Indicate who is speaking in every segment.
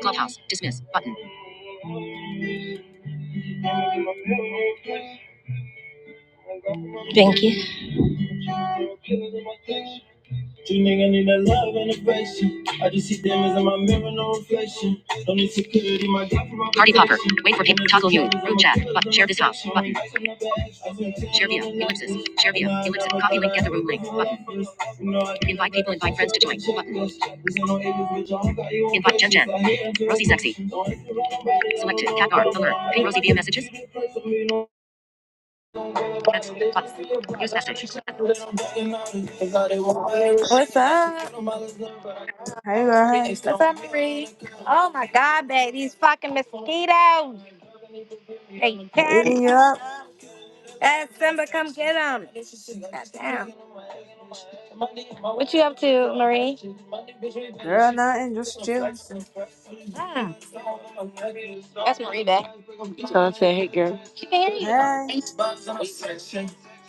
Speaker 1: Clubhouse. Dismiss. Button. Big. Two niggas need that love and affection. I just see diamonds in my mirror, no reflection. Don't need security, my God for my Party popper. protection. Wait for people. Toggle you. Room chat. But share this house. Button. Share via. Ellipsis. Share via. Ellipsis. Copy link. Get the room link. Button. Invite people. Invite friends to join. Button. Invite Jen Jen. Rosie Sexy. Selected. Cat R. Alert. Ping Rosie via messages. What's up?
Speaker 2: Hey girl, hey.
Speaker 1: What's up, Marie? Oh my God, babe, these fucking mosquitoes. They
Speaker 2: They
Speaker 1: tear me
Speaker 2: eating you
Speaker 1: up.
Speaker 2: up?
Speaker 1: Ask Simba, come get them. Goddamn. What you up to, Marie?
Speaker 2: Girl, nothing, just
Speaker 1: Mm,
Speaker 2: chilling.
Speaker 1: that's Marie back. So She can hear
Speaker 2: Hey,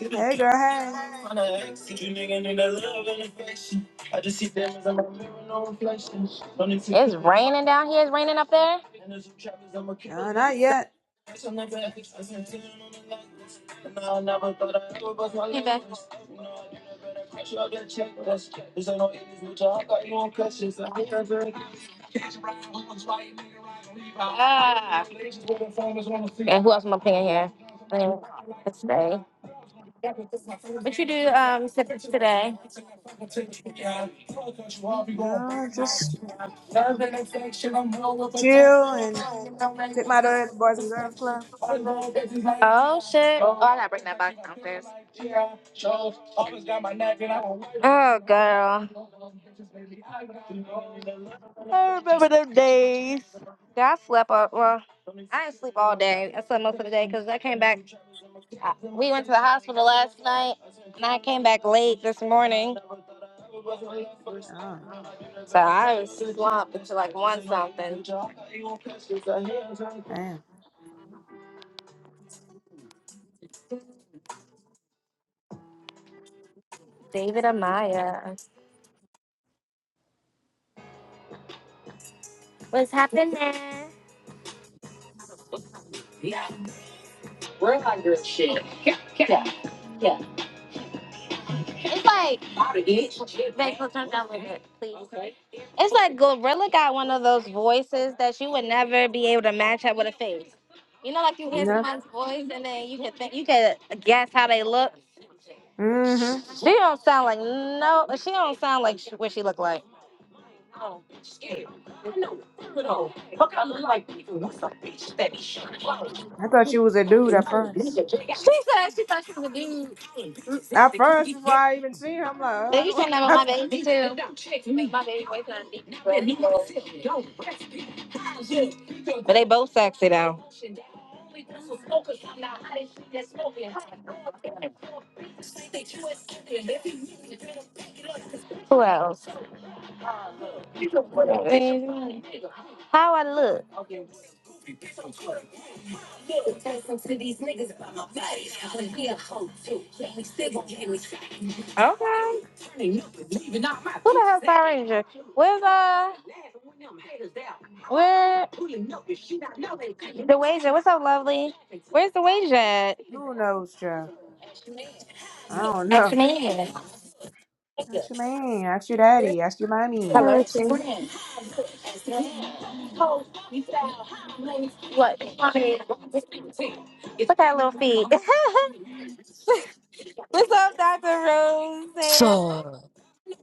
Speaker 1: you.
Speaker 2: hey girl, hey.
Speaker 1: Tryna ask if you niggas need that love and affection. I just see them as I'm a mirror, no reflection. Don't need to It's keep up. raining down here. It's raining up there. And there's some trappers, I'm a killer,
Speaker 2: No,
Speaker 1: I'm a
Speaker 2: not yet.
Speaker 1: savage, I'm never ethics, I send 10 on the lights. And I never thought I'd ever bust my Hey, babe. lips. You know, I didn't crush you, I got check this. This ain't no English, bitch, I got you on crutches. I hate that catch right, we was right, nigga, right, we right. Ah. And who else am I playing here? Mm, Let's see. What you do um to- today?
Speaker 2: No, just chill and take my daughter to the Boys and Girls Club.
Speaker 1: Oh shit! Oh, I gotta bring that back downstairs. Oh girl, I remember them days. Yeah, I slept up. Well. I didn't sleep all day. I slept most of the day because I came back. I, we went to the hospital last night, and I came back late this morning.
Speaker 2: Oh,
Speaker 1: So I was slumped until like one something.
Speaker 2: damn.
Speaker 1: David Amaya, what's happening? Like, Rachel, turn down with it, please. It's like Gorilla got one of those voices that you would never be able to match up with a face. You know, like you
Speaker 2: You
Speaker 1: hear
Speaker 2: know?
Speaker 1: someone's voice and then you can think you can guess how they look.
Speaker 2: Mm-hmm.
Speaker 1: She don't sound like no. She don't sound like sh what she looked like.
Speaker 2: I thought she was a dude at first.
Speaker 1: She said she thought she was a dude.
Speaker 2: At first, before I even seen her, I'm like, oh,
Speaker 1: They
Speaker 2: I
Speaker 1: used to never
Speaker 2: don't
Speaker 1: my baby too. But they both sexy though. Who else? How I look? Okay. Power Ranger. Where's uh? Where the wager? What's up, lovely? Where's the wager at?
Speaker 2: Who knows, child? I don't
Speaker 1: Ask
Speaker 2: know.
Speaker 1: me. Hello.
Speaker 2: Ask your man, ask your daddy, ask your mommy.
Speaker 3: Hello, Ashay.
Speaker 1: That little feet. What's up, Dr. Rose? There.
Speaker 4: So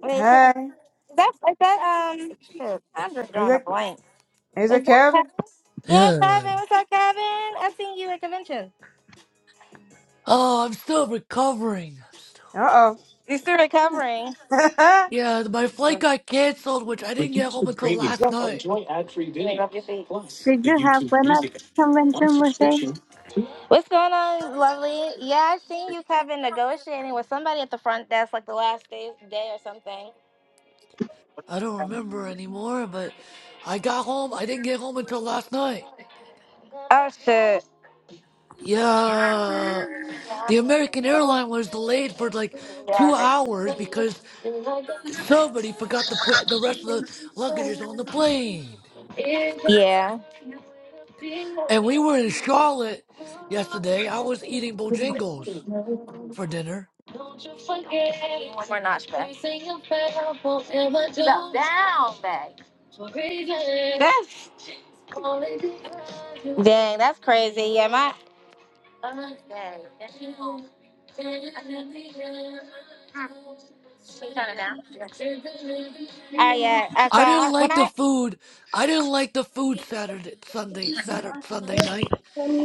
Speaker 1: Wait, is
Speaker 2: Hey,
Speaker 1: that, is that, um, shit, I'm just
Speaker 2: is
Speaker 1: drawing a
Speaker 2: it,
Speaker 1: blank.
Speaker 2: is
Speaker 1: Is
Speaker 2: it
Speaker 1: that
Speaker 2: Kevin?
Speaker 1: Kevin? Yeah,
Speaker 4: yeah.
Speaker 1: Kevin. What's up, Kevin? I seen you at convention.
Speaker 4: Oh, I'm still recovering. I'm still...
Speaker 2: Uh-oh.
Speaker 1: you still recovering.
Speaker 4: Yeah, my flight got canceled, which I didn't get home until last
Speaker 1: Yes, I'm
Speaker 4: night.
Speaker 1: getting up your feet.
Speaker 3: Did you have fun at convention, Moshe?
Speaker 1: What's going on, lovely? Yeah, I seen you, Kevin, negotiating with somebody at the front desk like the last day, day or something.
Speaker 4: I don't remember anymore, but I got home. I didn't get home until last night.
Speaker 1: Oh, shit.
Speaker 4: Yeah, the American airline was delayed for like two hours because somebody forgot to put the rest of the luggages on the plane.
Speaker 1: Yeah.
Speaker 4: And we were in Charlotte yesterday. I was eating Bojangles for dinner.
Speaker 1: Don't you forget. it. One more notch back. Everything you felt will ever do. Down, back. For reasons. That's only because you dang. That's crazy. Yeah, my. understand. Turn it down. Oh yeah. I
Speaker 4: I didn't
Speaker 1: saw when
Speaker 4: like the
Speaker 1: I.
Speaker 4: food. I didn't like the food Saturday, Sunday, Saturday, Sunday night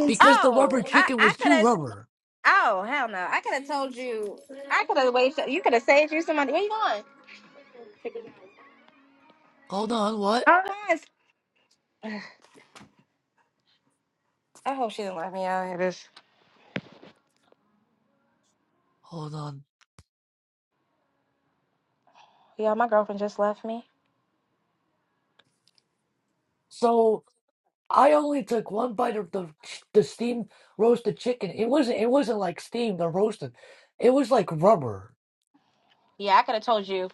Speaker 4: because the rubber
Speaker 1: Oh, I,
Speaker 4: chicken
Speaker 1: I
Speaker 4: was
Speaker 1: could
Speaker 4: too
Speaker 1: have.
Speaker 4: rubber.
Speaker 1: Oh, hell no! I could have told you. I could have waited. You could have saved you some money. Where you going?
Speaker 4: Hold on, what?
Speaker 1: Hold on. Oh, she didn't let me out. here.
Speaker 4: Hold on.
Speaker 1: Yeah, my girlfriend just left me.
Speaker 4: So I only took one bite of the the steamed roasted chicken. It wasn't. It wasn't like steamed or roasted. It was like rubber.
Speaker 1: Yeah, I could have told you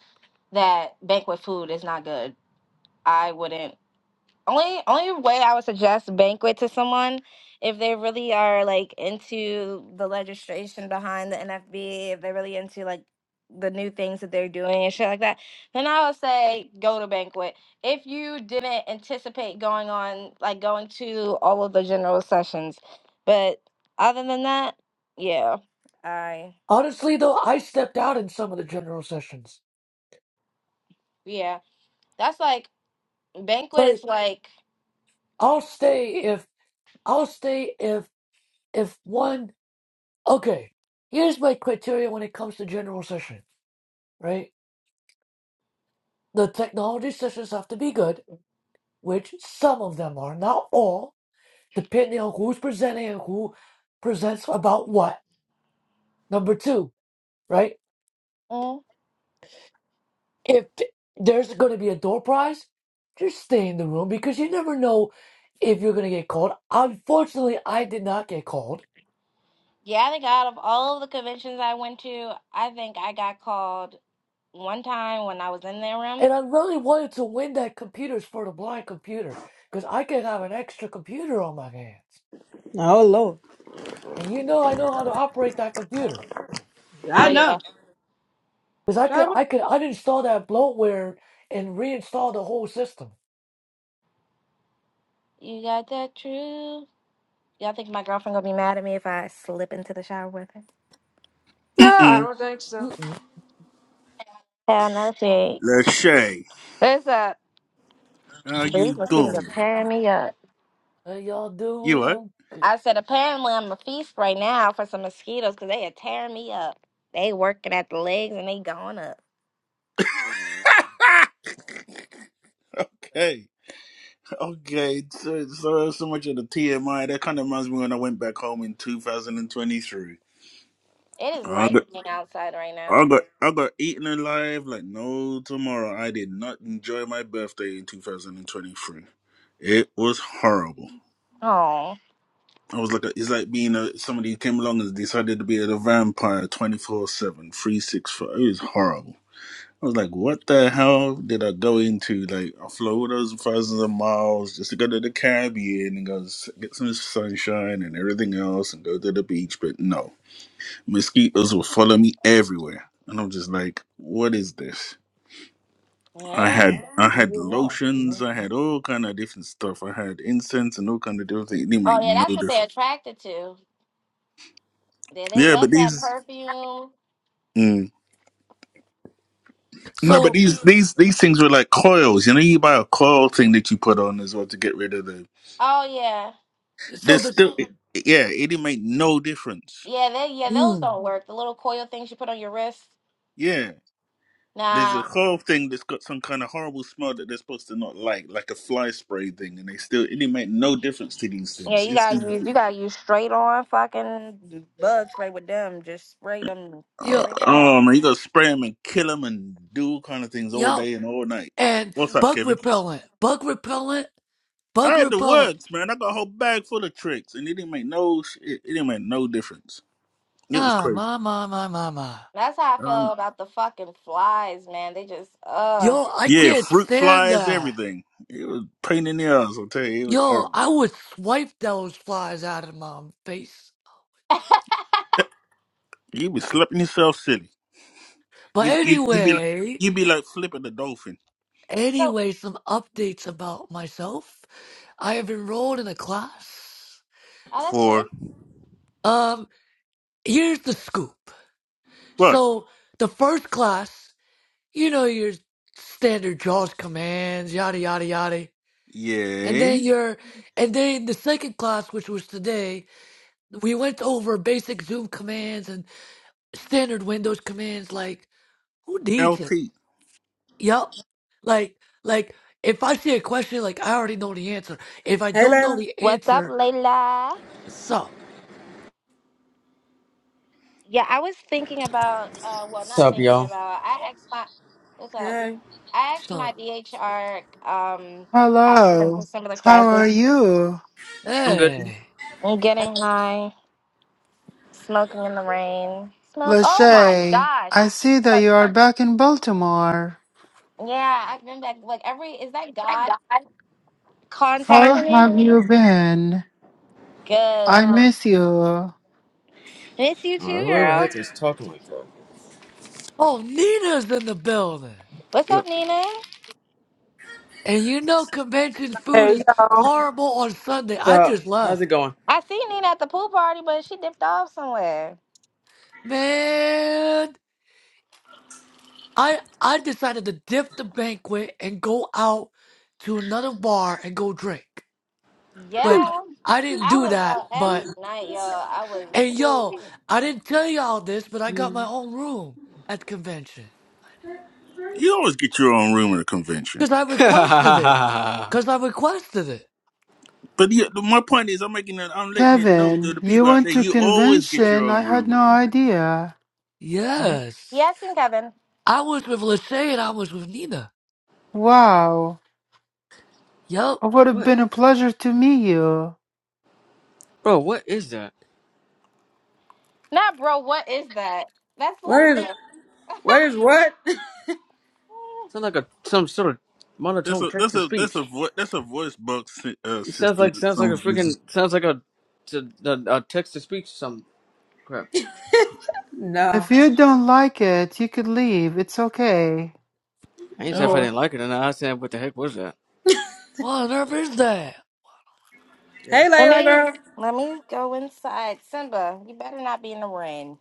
Speaker 1: that banquet food is not good. I wouldn't. Only only way I would suggest banquet to someone if they really are like into the legislation behind the NFB, if they're really into like the new things that they're doing and shit like that, then I would say go to banquet. If you didn't anticipate going on like going to all of the general sessions, but other than that, yeah, I
Speaker 4: Honestly, though, I stepped out in some of the general sessions.
Speaker 1: yeah, that's like Banquet
Speaker 4: Like
Speaker 1: is like,
Speaker 4: I'll stay if I'll stay if if one. Okay, here's my criteria when it comes to general session. Right the technology sessions have to be good, which some of them are, not all, depending on who's presenting and who presents about what. Number two, right?
Speaker 1: mm,
Speaker 4: If th- there's going to be a door prize, just stay in the room because you never know if you're going to get called. Unfortunately, I did not get called.
Speaker 1: yeah, I think out of all the conventions I went to, I think I got called one time when I was in their room.
Speaker 4: And I really wanted to win that computers for the blind computer because I could have an extra computer on my hands.
Speaker 2: Oh Lord,
Speaker 4: And you know, I know how to operate that computer.
Speaker 1: Oh
Speaker 2: I
Speaker 1: yeah,
Speaker 2: know.
Speaker 4: Because I
Speaker 2: Try
Speaker 4: could,
Speaker 2: what?
Speaker 4: I could, I install that bloatware and reinstall the whole system.
Speaker 1: you got that true. Y'all think my girlfriend gonna be mad at me if I slip into the shower with her?
Speaker 2: No, I
Speaker 5: Mm-mm.
Speaker 2: don't think so.
Speaker 4: Mm-mm.
Speaker 1: Hell no, she ain't.
Speaker 5: Lachey,
Speaker 1: There's a
Speaker 5: how
Speaker 1: these
Speaker 5: you
Speaker 1: mosquitoes are
Speaker 5: doing?
Speaker 1: tearing me up.
Speaker 4: Hey, y'all do,
Speaker 5: You
Speaker 4: you
Speaker 5: what?
Speaker 4: know,
Speaker 1: I said apparently I'm a feast right now for some mosquitoes because they are tearing me up. They working at the legs and they going up.
Speaker 5: okay. Okay. So, so so much of the TMI that kind of reminds me when I went back home in 2023.
Speaker 1: It is
Speaker 5: I got
Speaker 1: lightning outside right
Speaker 5: I
Speaker 1: now.
Speaker 5: got I got eaten alive like no tomorrow. I did not enjoy my birthday in 2023. It was horrible.
Speaker 1: Oh.
Speaker 5: I was like, a, it's like being a somebody who came along and decided to be a vampire 24 seven, three sixty-five. It was horrible. I was like, what the hell did I go into? Like, I flew all those thousands of miles just to go to the Caribbean and go s- get some sunshine and everything else and go to the beach. But no, mosquitoes will follow me everywhere. And I'm just like, what is this? I
Speaker 1: yeah.
Speaker 5: had I
Speaker 4: what do you
Speaker 5: had
Speaker 4: want? You
Speaker 5: lotions,
Speaker 4: know?
Speaker 5: I had all kind of different stuff. I had incense and all kind of different things. It didn't
Speaker 1: Oh
Speaker 5: make
Speaker 1: yeah,
Speaker 5: no
Speaker 1: that's what they're
Speaker 5: difference.
Speaker 1: attracted to. Yeah, they
Speaker 5: Yeah,
Speaker 1: love
Speaker 5: but
Speaker 1: that
Speaker 5: these
Speaker 1: perfume.
Speaker 5: mm, no, but
Speaker 4: So,
Speaker 5: these these these things were like coils. You know, you buy a coil thing that you put on as well to get rid of the
Speaker 1: Oh yeah,
Speaker 4: so
Speaker 5: There's
Speaker 4: the,
Speaker 5: still, yeah, it didn't make no difference.
Speaker 1: yeah, they yeah those
Speaker 4: mm,
Speaker 1: don't work. The little coil things you put on your wrist.
Speaker 5: Yeah, there's a
Speaker 1: Nah.
Speaker 5: whole thing that's got some kind of horrible smell that they're supposed to not like, like a fly spray thing, and they still, it didn't make no difference to these
Speaker 1: Yeah,
Speaker 5: things.
Speaker 1: you
Speaker 5: These
Speaker 1: gotta
Speaker 5: things
Speaker 1: use you gotta use straight on fucking bug spray with them. Just spray them.
Speaker 4: yeah,
Speaker 5: uh,
Speaker 1: Spray that. out.
Speaker 5: oh man, you gotta spray them and kill them and do all kind of things all
Speaker 4: yep,
Speaker 5: day and all night.
Speaker 4: and
Speaker 5: What's up,
Speaker 4: bug
Speaker 5: Kevin?
Speaker 4: repellent, bug repellent,
Speaker 5: I
Speaker 4: bug
Speaker 5: had the
Speaker 4: repellent.
Speaker 5: works, man. I got a whole bag full of tricks, and it didn't make no, sh- it, it didn't make no difference. It was
Speaker 4: Ah,
Speaker 5: crazy.
Speaker 4: my, my, my, my, my.
Speaker 1: That's how I feel
Speaker 5: Um,
Speaker 1: about the fucking flies, man. They just uh.
Speaker 4: Yo, I
Speaker 5: yeah,
Speaker 4: can't
Speaker 5: fruit
Speaker 4: stand
Speaker 5: flies,
Speaker 4: that.
Speaker 5: everything. It was a pain in the ass. I'll tell you, it was
Speaker 4: Yo,
Speaker 5: horrible.
Speaker 4: I would swipe those flies out of my face.
Speaker 5: You be slipping yourself silly.
Speaker 4: But
Speaker 5: You you you be like
Speaker 4: anyway,
Speaker 5: you be like flipping the dolphin
Speaker 1: So
Speaker 4: anyway, some updates about myself. I have enrolled in a class.
Speaker 1: oh, that's
Speaker 5: for
Speaker 1: good.
Speaker 4: Um, here's the scoop.
Speaker 5: what?
Speaker 4: So the first class, you know your standard JAWS commands, yada yada yada. And
Speaker 5: Yeah,
Speaker 4: then your and then the second class, which was today, we went over basic Zoom commands and standard Windows commands like who needs
Speaker 5: LT.
Speaker 4: it? Yup. Like like if I see a question like I already know the answer. If I
Speaker 2: Hey
Speaker 4: don't know
Speaker 2: Layla.
Speaker 4: the
Speaker 1: What's up,
Speaker 4: answer,
Speaker 1: Layla?
Speaker 4: so
Speaker 1: Yeah, I was thinking about, uh, well,
Speaker 6: What's
Speaker 1: not
Speaker 6: up,
Speaker 1: thinking
Speaker 6: y'all?
Speaker 1: about, I asked my, what's up?
Speaker 2: Hey.
Speaker 1: I asked my
Speaker 4: so
Speaker 1: DHR um, counselor
Speaker 7: Hello,
Speaker 1: for some of the
Speaker 7: how
Speaker 1: classes.
Speaker 7: are you,
Speaker 6: I'm good.
Speaker 4: hey.
Speaker 1: I'm getting high, smoking in the rain. Smoke, oh my
Speaker 7: Lachey?
Speaker 1: gosh.
Speaker 7: I see that
Speaker 1: Uh,
Speaker 7: you are back in Baltimore.
Speaker 1: Yeah, I remember that. Like, every, is that God
Speaker 7: How
Speaker 1: contacting me?
Speaker 7: have you been?
Speaker 1: Good.
Speaker 7: I miss you.
Speaker 1: Miss you
Speaker 6: All right,
Speaker 1: too,
Speaker 6: whoever the
Speaker 1: girl.
Speaker 6: heck is talking like that?
Speaker 4: Oh, Nina's in the building.
Speaker 1: What's up,
Speaker 6: Yep.
Speaker 1: Nina?
Speaker 4: And you know convention food
Speaker 8: Hey
Speaker 4: is
Speaker 8: y'all.
Speaker 4: horrible on Sunday. I
Speaker 6: So,
Speaker 4: just
Speaker 6: how's it
Speaker 4: left.
Speaker 6: going?
Speaker 1: I see Nina at the pool party, but she dipped off somewhere.
Speaker 4: Man, I I decided to dip the banquet and go out to another bar and go drink. But
Speaker 1: Yeah.
Speaker 4: I didn't
Speaker 1: I
Speaker 4: do
Speaker 1: was
Speaker 4: that,
Speaker 1: out
Speaker 4: but
Speaker 1: every night, y'all. I
Speaker 4: and yo,
Speaker 1: was.
Speaker 4: I didn't tell y'all this, but I got my own room at the convention.
Speaker 5: You always get your own room at a convention.
Speaker 4: Cause I requested it. Cause I requested it.
Speaker 5: But yeah, my point is, I'm making it. I'm letting it know to
Speaker 7: Kevin,
Speaker 5: the
Speaker 7: you
Speaker 5: people out
Speaker 7: went
Speaker 5: there.
Speaker 7: to
Speaker 5: You always get your
Speaker 7: convention. I
Speaker 5: own
Speaker 7: had
Speaker 5: room
Speaker 7: no
Speaker 5: at convention.
Speaker 7: idea.
Speaker 4: Yes.
Speaker 1: Yeah, I seen Kevin.
Speaker 4: I was with Lachey and I was with Nina.
Speaker 7: Wow,
Speaker 4: Yup.
Speaker 7: it would have
Speaker 6: what,
Speaker 7: been a pleasure to meet you.
Speaker 6: bro? What is that?
Speaker 1: Nah, bro, what is that? That's
Speaker 2: What is
Speaker 1: Linda.
Speaker 2: what is what?
Speaker 6: Sounds like a some sort of
Speaker 5: That's
Speaker 6: monotone
Speaker 5: a
Speaker 6: text
Speaker 5: that's
Speaker 6: to
Speaker 5: a that's a
Speaker 6: speech.
Speaker 5: vo- that's a voice box uh,
Speaker 6: It sounds
Speaker 5: system
Speaker 6: like
Speaker 5: that
Speaker 6: sounds like
Speaker 5: some
Speaker 6: a
Speaker 5: uses.
Speaker 6: freaking sounds like a a, a text to speech some crap.
Speaker 7: If
Speaker 2: no.
Speaker 7: you don't like it, you could leave. It's okay.
Speaker 6: I ain't say if I
Speaker 1: yeah.
Speaker 2: Oh.
Speaker 6: didn't like it or not. I said, what the heck was that?
Speaker 4: What on earth is that?
Speaker 6: Yeah.
Speaker 2: Hey
Speaker 1: Let
Speaker 2: Layla
Speaker 1: me
Speaker 2: girl.
Speaker 1: let me go inside. Simba, you better not be in the rain.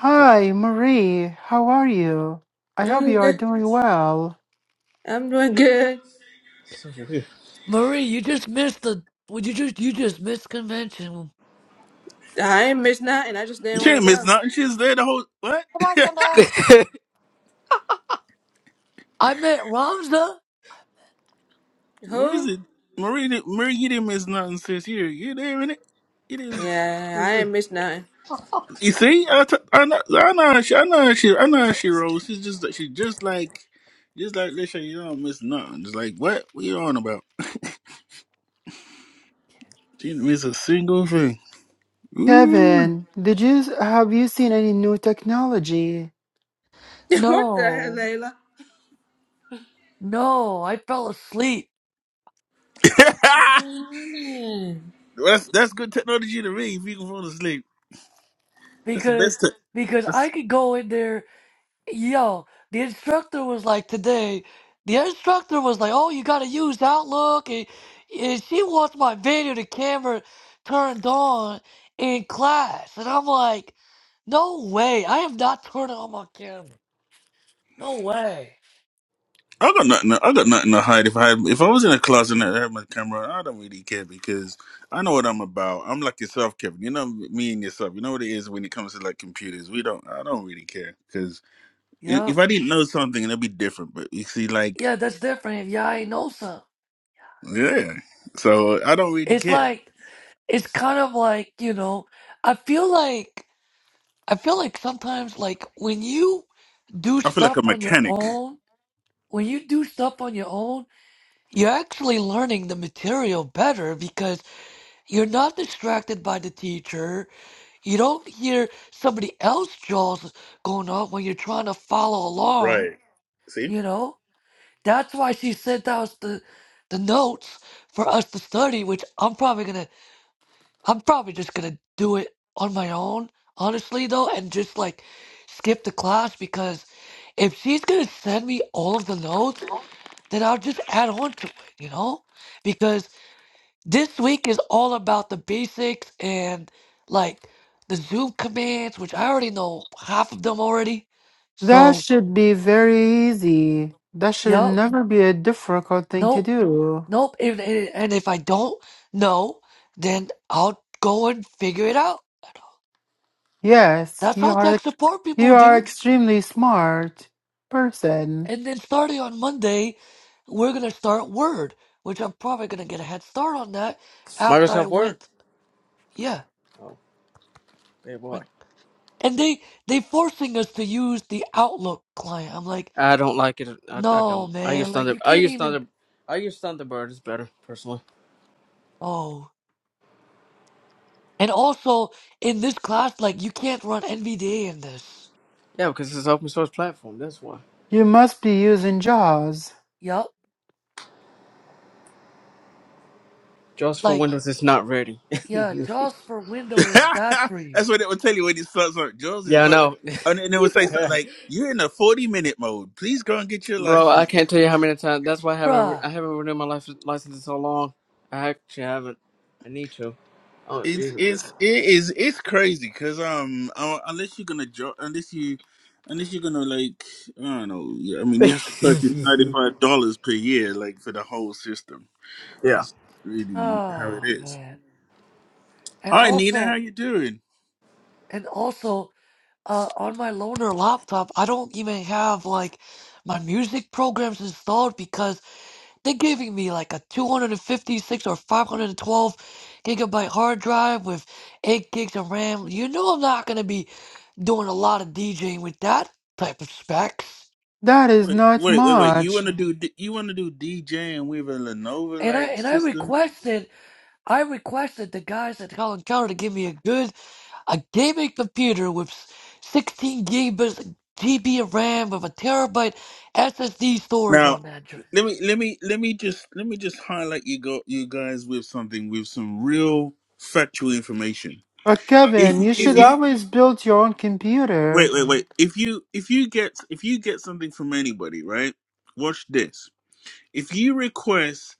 Speaker 7: Hi, Marie. How are you? I hope
Speaker 2: I'm
Speaker 7: you are
Speaker 2: good.
Speaker 7: doing well.
Speaker 2: I'm doing good.
Speaker 6: So, so weird.
Speaker 4: Marie, you just missed the would you just you just missed convention.
Speaker 2: I ain't missed nothing. I just
Speaker 5: You
Speaker 2: didn't want to
Speaker 5: can't miss
Speaker 2: go.
Speaker 5: nothing. She's there the whole what?
Speaker 1: Come on, Simba.
Speaker 4: I met Ramza?
Speaker 2: Who?
Speaker 5: Marie, Marie, Marie, you didn't miss nothing since you you there in it. You didn't.
Speaker 2: Yeah, I ain't missed nothing.
Speaker 5: You see, I, t- I know, I know, how she, I know, how she, I know how she rolls. She's just, like- she just like, just like Lisha. You don't miss nothing. It's like, what? What you on about? She didn't miss a single thing. Ooh,
Speaker 7: Kevin, did you have you seen any new technology?
Speaker 2: what the
Speaker 4: No.
Speaker 2: hell,
Speaker 4: No, I fell asleep
Speaker 2: Layla?
Speaker 5: that's that's good technology to me. If you can fall asleep, that's the best.
Speaker 4: because
Speaker 5: Te-
Speaker 4: because I
Speaker 5: that's-
Speaker 4: could go in there yo, the instructor was like today the instructor was like, Oh, you gotta use Outlook and, and she wants my video to camera turned on in class and I'm like, No way, I have not turned on my camera. No way.
Speaker 5: I got nothing. I got nothing to hide. If I had, if I was in a closet and I had my camera, I don't really care because I know what I'm about. I'm like yourself, Kevin. You know me and yourself. You know what it is when it comes to like computers. We don't. I don't really care i-
Speaker 4: Yup.
Speaker 5: if I didn't know something, it'd be different. But you see, like,
Speaker 4: Yeah, that's different if y'all ain't know some.
Speaker 5: yeah. So I don't really
Speaker 4: It's
Speaker 5: care.
Speaker 4: like it's kind of like, you know, I feel like I feel like sometimes like when you do
Speaker 5: I feel like
Speaker 4: stuff
Speaker 5: a
Speaker 4: on your
Speaker 5: mechanic.
Speaker 4: own, when you do stuff on your own, you're actually learning the material better because you're not distracted by the teacher. You don't hear somebody else's jaws going off when you're trying to follow along,
Speaker 5: Right. See,
Speaker 4: you know? That's why she sent out the the notes for us to study, which I'm probably gonna I'm probably just gonna do it on my own, honestly though, and just like skip the class because if she's gonna send me all of the notes, then I'll just add on to it, you know? Because this week is all about the basics and like the Zoom commands, which I already know half of them already.
Speaker 7: That
Speaker 4: So,
Speaker 7: should be very easy. That should
Speaker 4: yup,
Speaker 7: never be a difficult thing to
Speaker 4: nope,
Speaker 7: do.
Speaker 4: nope. If, and and if I don't know, then I'll go and figure it out.
Speaker 7: Yes,
Speaker 4: That's
Speaker 7: you
Speaker 4: how
Speaker 7: are
Speaker 4: tech support
Speaker 7: you
Speaker 4: people
Speaker 7: are
Speaker 4: do.
Speaker 7: extremely smart person.
Speaker 4: And then starting on Monday, we're gonna start Word, which I'm probably gonna get a head start on that after I
Speaker 6: Microsoft Word.
Speaker 4: went. Yeah,
Speaker 6: Oh, bad boy.
Speaker 4: like, and they they forcing us to use the Outlook client. I'm like,
Speaker 6: I don't like it. I, I
Speaker 4: no,
Speaker 6: don't. I use
Speaker 4: man, like
Speaker 6: Thunder.
Speaker 4: you
Speaker 6: I
Speaker 4: can't
Speaker 6: use
Speaker 4: even.
Speaker 6: Thunder. I use Thunderbird. It's better personally.
Speaker 4: Oh, and also in this class, like you can't run NVDA in this.
Speaker 6: Yeah, because it's an open source platform. That's why.
Speaker 7: You must be using JAWS.
Speaker 4: Yup,
Speaker 6: Just for
Speaker 4: like
Speaker 6: Windows, it's not ready.
Speaker 4: yeah,
Speaker 6: yeah,
Speaker 4: JAWS for Windows is bad for you,
Speaker 5: that's what it would tell you when it starts. Like, Jules is
Speaker 6: I
Speaker 5: not ready,
Speaker 6: know,
Speaker 5: and then it would say something like, "You're in a forty-minute mode. Please go and get your
Speaker 6: bro. I
Speaker 5: license."
Speaker 6: can't
Speaker 5: Like,
Speaker 6: tell you how many times. That's why I haven't. re-
Speaker 4: bruh.
Speaker 6: I haven't renewed my life, license in so long. I actually haven't. I need to. Oh,
Speaker 5: it's
Speaker 6: these are good.
Speaker 5: it's it is it's crazy because um uh, unless you're gonna jo- unless you unless you're gonna like I don't know. Yeah, I mean, you have to purchase ninety-five dollars per year like for the whole system.
Speaker 6: yeah.
Speaker 5: That's really how it
Speaker 4: Oh
Speaker 5: is.
Speaker 4: man, and
Speaker 5: All right, Nina, how
Speaker 4: also
Speaker 5: you doing?
Speaker 4: and also. Uh, on my loaner laptop, I don't even have like my music programs installed because they're giving me like a 256 or 512 gigabyte hard drive with 8 gigs of RAM. You know I'm not gonna be doing a lot of DJing with that type of specs.
Speaker 7: That is
Speaker 5: Wait,
Speaker 7: not
Speaker 5: wait, wait, wait. You
Speaker 7: much.
Speaker 5: wanna do D- you wanna do DJing with a Lenovo
Speaker 4: And I
Speaker 5: like
Speaker 4: and I
Speaker 5: system?
Speaker 4: requested I requested the guys at Hell Encounter to give me a good A gaming computer with 16 gigabytes GB of RAM with a terabyte SSD storage
Speaker 5: Now,
Speaker 4: on that. dr-
Speaker 5: let me let me let me just let me just highlight you go you guys with something with some real factual information.
Speaker 7: But Kevin,
Speaker 5: If
Speaker 7: you
Speaker 5: if
Speaker 7: should
Speaker 5: you
Speaker 7: always build your own
Speaker 5: wait
Speaker 7: computer.
Speaker 5: wait wait if you if you get if you get something from anybody right, watch this. If you request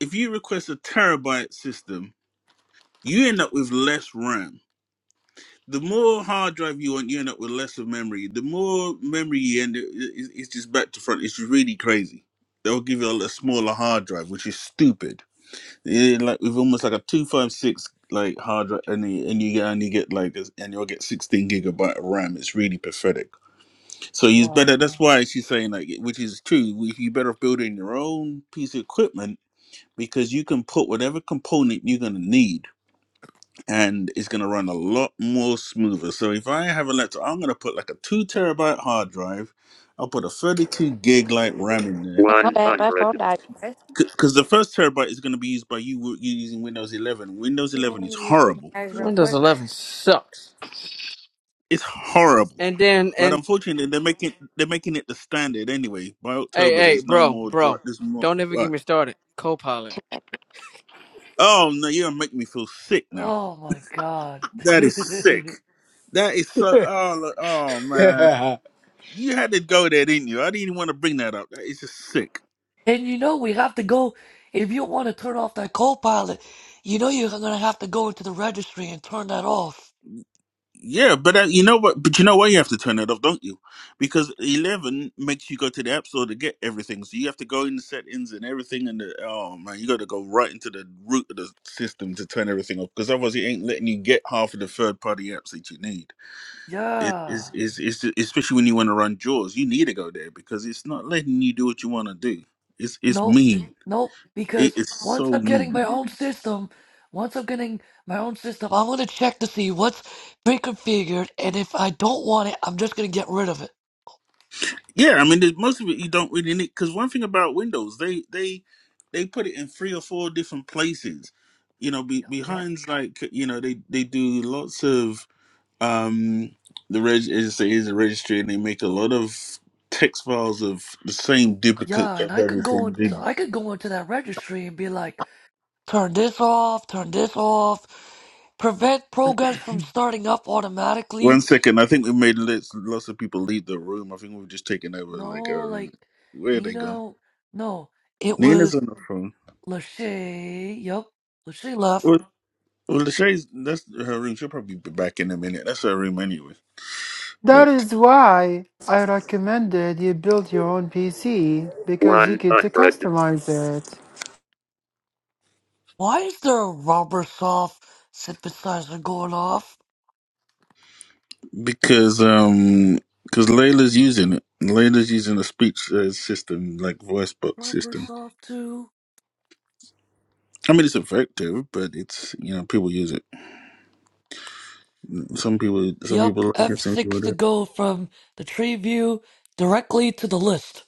Speaker 5: if you request a terabyte system, you end up with less RAM the more hard drive you want, you end up with less of memory. The more memory you end, it- it- it's just back to front. It's really crazy. They'll give you a, little smaller hard drive, which is stupid. Yeah, like with almost like a two five six like hard drive, and you, and you get and you get like this- and you'll get sixteen gigabyte of RAM. It's really pathetic. So it's
Speaker 4: Wow.
Speaker 5: better. That's why she's saying like, which is true. we- You better build in your own piece of equipment because you can put whatever component you're gonna need and it's going to run a lot more smoother. So if I have a laptop, I'm going to put like a two terabyte hard drive. I'll put a 32 gig like RAM in there
Speaker 1: My bad, my phone
Speaker 6: 100.
Speaker 1: died. Guys.
Speaker 5: because the first terabyte is going to be used by you, w- you using Windows 11. Windows 11
Speaker 1: Let
Speaker 5: is
Speaker 1: me use you
Speaker 5: horrible.
Speaker 1: guys real
Speaker 6: Windows
Speaker 1: quick.
Speaker 6: 11 sucks.
Speaker 5: It's horrible.
Speaker 6: And then,
Speaker 5: But
Speaker 6: and
Speaker 5: unfortunately, they're making they're making it the standard anyway. By
Speaker 6: hey,
Speaker 5: October,
Speaker 6: hey,
Speaker 5: there's no
Speaker 6: bro,
Speaker 5: more dri
Speaker 6: bro,
Speaker 5: There's more.
Speaker 6: don't ever get
Speaker 5: Right.
Speaker 6: me started. Copilot.
Speaker 5: Oh no, you're making me feel sick now.
Speaker 4: Oh my god.
Speaker 5: That is sick.
Speaker 4: and
Speaker 5: That is so. Oh, look- oh man. you had to go there, didn't you? I didn't even want to bring that up. It's just sick.
Speaker 4: you know we have to go if you want to turn off that Copilot, you know you're gonna have to go into the registry and turn that off.
Speaker 5: Yeah, but uh, you know what? But you know why you have to turn it off, don't you? Because eleven makes you go to the app store to get everything. So you have to go in the settings and everything. And the oh man, you got to go right into the root of the system to turn everything off. Because otherwise, it ain't letting you get half of the third party apps that you need. It
Speaker 4: Yeah.
Speaker 5: is is is especially when you want to run jaws, you need to go there because it's not letting you do what you want to do. It's it's
Speaker 4: Nope,
Speaker 5: mean.
Speaker 4: nope, because
Speaker 5: It is
Speaker 4: once
Speaker 5: so
Speaker 4: I'm getting
Speaker 5: mean.
Speaker 4: my own system, once I'm getting my own system, I want to check to see what's pre-configured, and if I don't want it, I'm just gonna get rid of it.
Speaker 5: Yeah, I mean, there's- most of it you don't really need because one thing about Windows, they they they put it in three or four different places. You know, be,
Speaker 4: Yep.
Speaker 5: behind like you know they they do lots of um the reg is is a registry and they make a lot of text files of the same
Speaker 4: Yeah,
Speaker 5: duplicate
Speaker 4: and
Speaker 5: of
Speaker 4: I could go
Speaker 5: everything.
Speaker 4: in,
Speaker 5: They-
Speaker 4: I could go into that registry and be like, turn this off, turn this off, prevent programs from starting up
Speaker 5: one
Speaker 4: automatically.
Speaker 5: second, I think we made lots, lots of people leave the room. I think we've just taken over like
Speaker 4: No,
Speaker 5: our room.
Speaker 4: like
Speaker 5: Where are they gone?
Speaker 4: Nino, no, it
Speaker 5: Nina's
Speaker 4: was
Speaker 5: on the phone.
Speaker 4: Lachey. Yep, Lachey left.
Speaker 5: Well, well, Lachey's that's her room. She'll probably be back in a minute. That's her room anyway.
Speaker 7: That
Speaker 5: but
Speaker 7: is why I recommended you build your own PC because you get to
Speaker 6: 100.
Speaker 7: customize it.
Speaker 4: Why is there a rubber soft synthesizer going off?
Speaker 5: because um because Layla's using it. Layla's using a speech uh, system like voice box
Speaker 4: Rubber
Speaker 5: system.
Speaker 4: soft 2.
Speaker 5: I mean, it's effective, but it's you know people use it. Some people, some people
Speaker 4: Yup,
Speaker 5: like it, some people
Speaker 4: F6 to
Speaker 5: don't.
Speaker 4: go from the tree view directly to the list.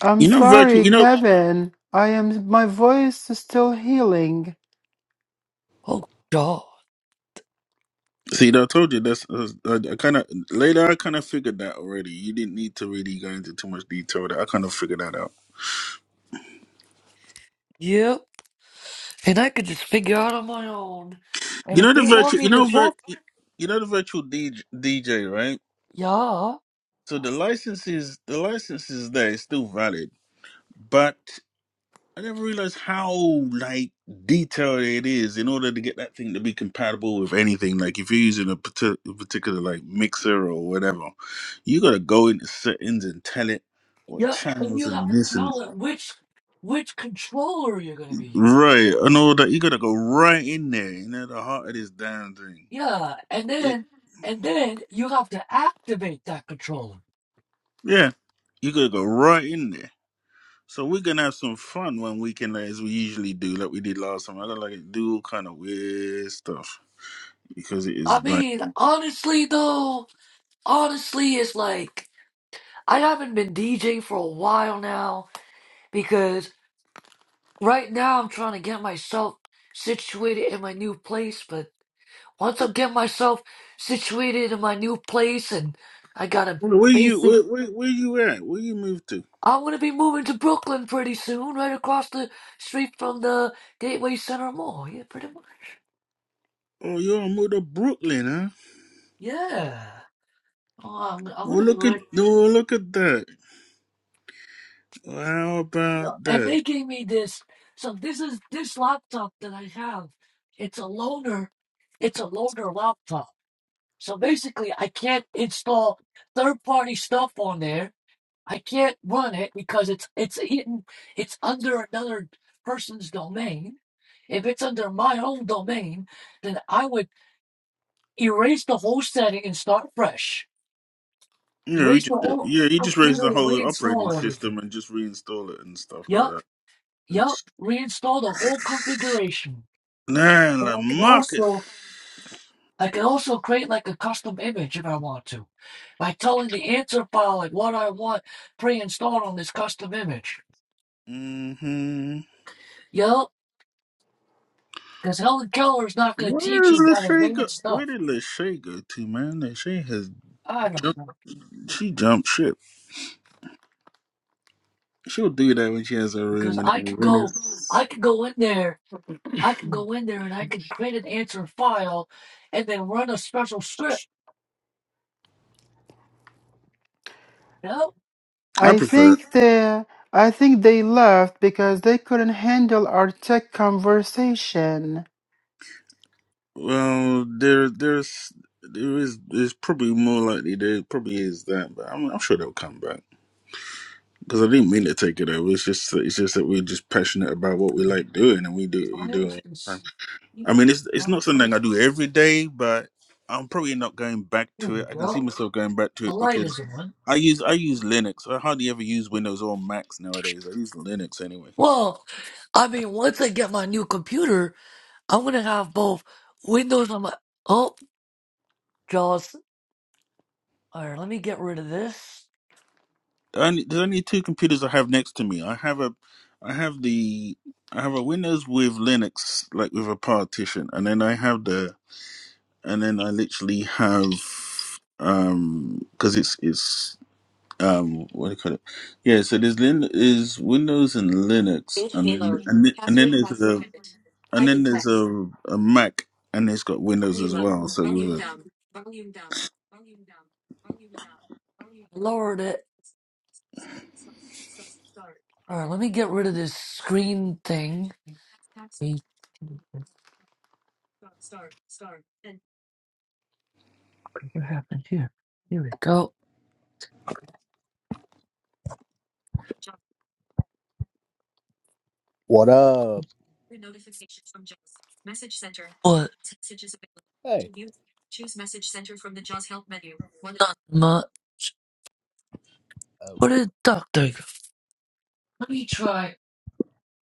Speaker 7: I'm
Speaker 5: You know, virtual.
Speaker 7: sorry,
Speaker 5: You know,
Speaker 7: Kevin. I am my voice is still healing.
Speaker 4: Oh god.
Speaker 5: see, I told you that's. Uh, I, I kind of later. I kind of figured that already. You didn't need to really go into too much detail. with it. I kind of figured that out.
Speaker 4: Yep. And I could just figure out on my own. And
Speaker 5: You
Speaker 4: if
Speaker 5: know the
Speaker 4: they want
Speaker 5: virtual. You
Speaker 4: me
Speaker 5: know
Speaker 4: to
Speaker 5: vir-
Speaker 4: talk,
Speaker 5: You know the virtual DJ, DJ, right?
Speaker 4: yeah.
Speaker 5: So the license is the license is there. It's still valid, but I never realized how like detailed it is in order to get that thing to be compatible with anything. Like if you're using a parti- a particular like mixer or whatever, you gotta go into settings and tell it what
Speaker 4: Yep. And
Speaker 5: channels
Speaker 4: you have
Speaker 5: and
Speaker 4: to
Speaker 5: this and
Speaker 4: tell it which which controller you're gonna be using.
Speaker 5: right and all that. You gotta go right in there, you know, the heart of this damn thing.
Speaker 4: Yeah. And
Speaker 5: It,
Speaker 4: then and then you have to activate that controller.
Speaker 5: yeah, you gotta go right in there. So we're gonna have some fun one weekend, like, as we usually do, like we did last time. I gotta like do all kind of weird stuff because it is
Speaker 4: I
Speaker 5: like.
Speaker 4: mean, honestly though. honestly, it's like I haven't been DJing for a while now because right now I'm trying to get myself situated in my new place. But once I get myself situated in my new place and I got a
Speaker 5: Where you where,
Speaker 4: basement,
Speaker 5: where where you at? Where you moved to?
Speaker 4: I'm gonna be moving to Brooklyn pretty soon, right across the street from the Gateway Center Mall. Yeah, pretty much.
Speaker 5: Oh, you all moved to Brooklyn, huh?
Speaker 4: Yeah. Oh, I'm, I'm
Speaker 5: Well,
Speaker 4: gonna be
Speaker 5: look at
Speaker 4: ready.
Speaker 5: oh look at that. Well, how
Speaker 4: Yeah.
Speaker 5: about
Speaker 4: and
Speaker 5: that?
Speaker 4: they gave me this. So this is this laptop that I have. It's a loaner. It's a loaner laptop. So basically, I can't install third-party stuff on there. I can't run it because it's it's hidden. It's under another person's domain. If it's under my own domain, then I would erase the whole setting and start fresh.
Speaker 5: Yeah, he
Speaker 4: Erase the
Speaker 5: just
Speaker 4: whole
Speaker 5: yeah he just raised
Speaker 4: computer
Speaker 5: the
Speaker 4: and
Speaker 5: whole operating
Speaker 4: reinstall
Speaker 5: system
Speaker 4: everything.
Speaker 5: and just reinstall it and stuff like
Speaker 4: Yup,
Speaker 5: that.
Speaker 4: yup.
Speaker 5: It's
Speaker 4: Reinstall the whole configuration.
Speaker 5: man, like
Speaker 4: I can
Speaker 5: Marcus.
Speaker 4: also I can also create like a custom image if I want to by telling the answer file like what I want pre-installed on this custom image.
Speaker 5: Mm-hmm.
Speaker 4: Yup, because Helen Keller is not going to
Speaker 5: Where
Speaker 4: teach
Speaker 5: is
Speaker 4: you that
Speaker 5: Lachey go?
Speaker 4: advanced
Speaker 5: Where
Speaker 4: stuff.
Speaker 5: did Lachey go to, man? Lachey has
Speaker 4: I don't
Speaker 5: jumped.
Speaker 4: know
Speaker 5: She jumped ship. She'll do that when she has her
Speaker 4: because
Speaker 5: room and
Speaker 4: I could
Speaker 5: everything.
Speaker 4: go I
Speaker 5: It's-
Speaker 4: could go in there I could go in there and I could create an answer file and then run a special script. Yup.
Speaker 5: I
Speaker 7: I
Speaker 5: prefer.
Speaker 7: think they I think they left because they couldn't handle our tech conversation.
Speaker 5: Well, there, there's, there is, it's probably more likely there probably is that, but I'm, I'm sure they'll come back because I didn't mean to take it over. It's just, it's just that we're just passionate about what we like doing, and we do, we
Speaker 4: Why
Speaker 5: do.
Speaker 4: is
Speaker 5: It. all the time.
Speaker 4: this? Here
Speaker 5: I mean,
Speaker 4: we
Speaker 5: it's, it's not something I do every day, but I'm probably not going back to it. I can see
Speaker 4: go.
Speaker 5: myself going back to
Speaker 4: The
Speaker 5: it
Speaker 4: light
Speaker 5: because
Speaker 4: is on.
Speaker 5: I use, I use Linux. I hardly ever use Windows or Macs nowadays. I use Linux anyway.
Speaker 4: Well, I mean, once I get my new computer, I'm gonna have both Windows on my. Oh, Jaws. All right, let me get rid of this.
Speaker 5: only, there's only two computers I have next to me. I have a, I have the, I have a Windows with Linux, like with a partition, and then I have the, and then I literally have, um, because it's it's um what do you call it? Yeah, so there's Lin is Windows and Linux, and then and, then- and then there's a and then there's a, a Mac, and it's got Windows as well. So with a
Speaker 4: Lowered it. All right, let me get rid of this screen thing. Hey, What happened here? Here we go.
Speaker 9: What up?
Speaker 4: What?
Speaker 9: Hey,
Speaker 4: My, what did Doctor? go? Let me try.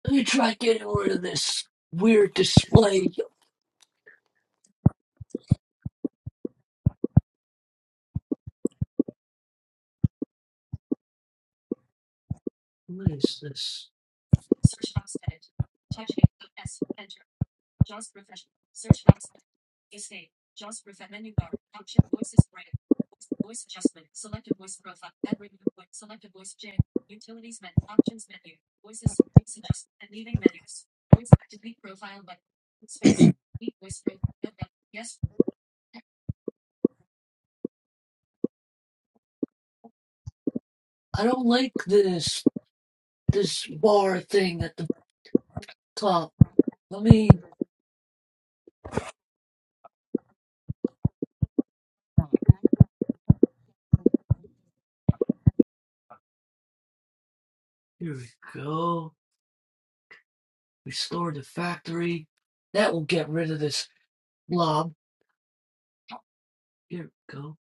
Speaker 4: Let me try getting rid of this weird display. What is this? I don't like this. This bar thing at the top. Let me Here we go. Restore the factory. That will get rid of this blob. Here we go.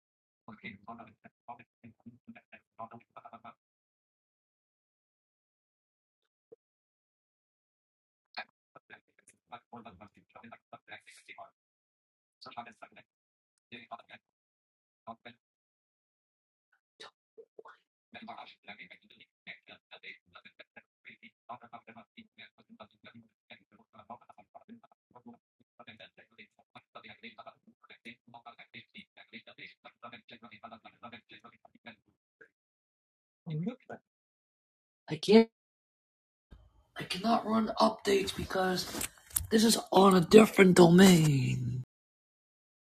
Speaker 4: I can't. I cannot run updates because this is on a different domain.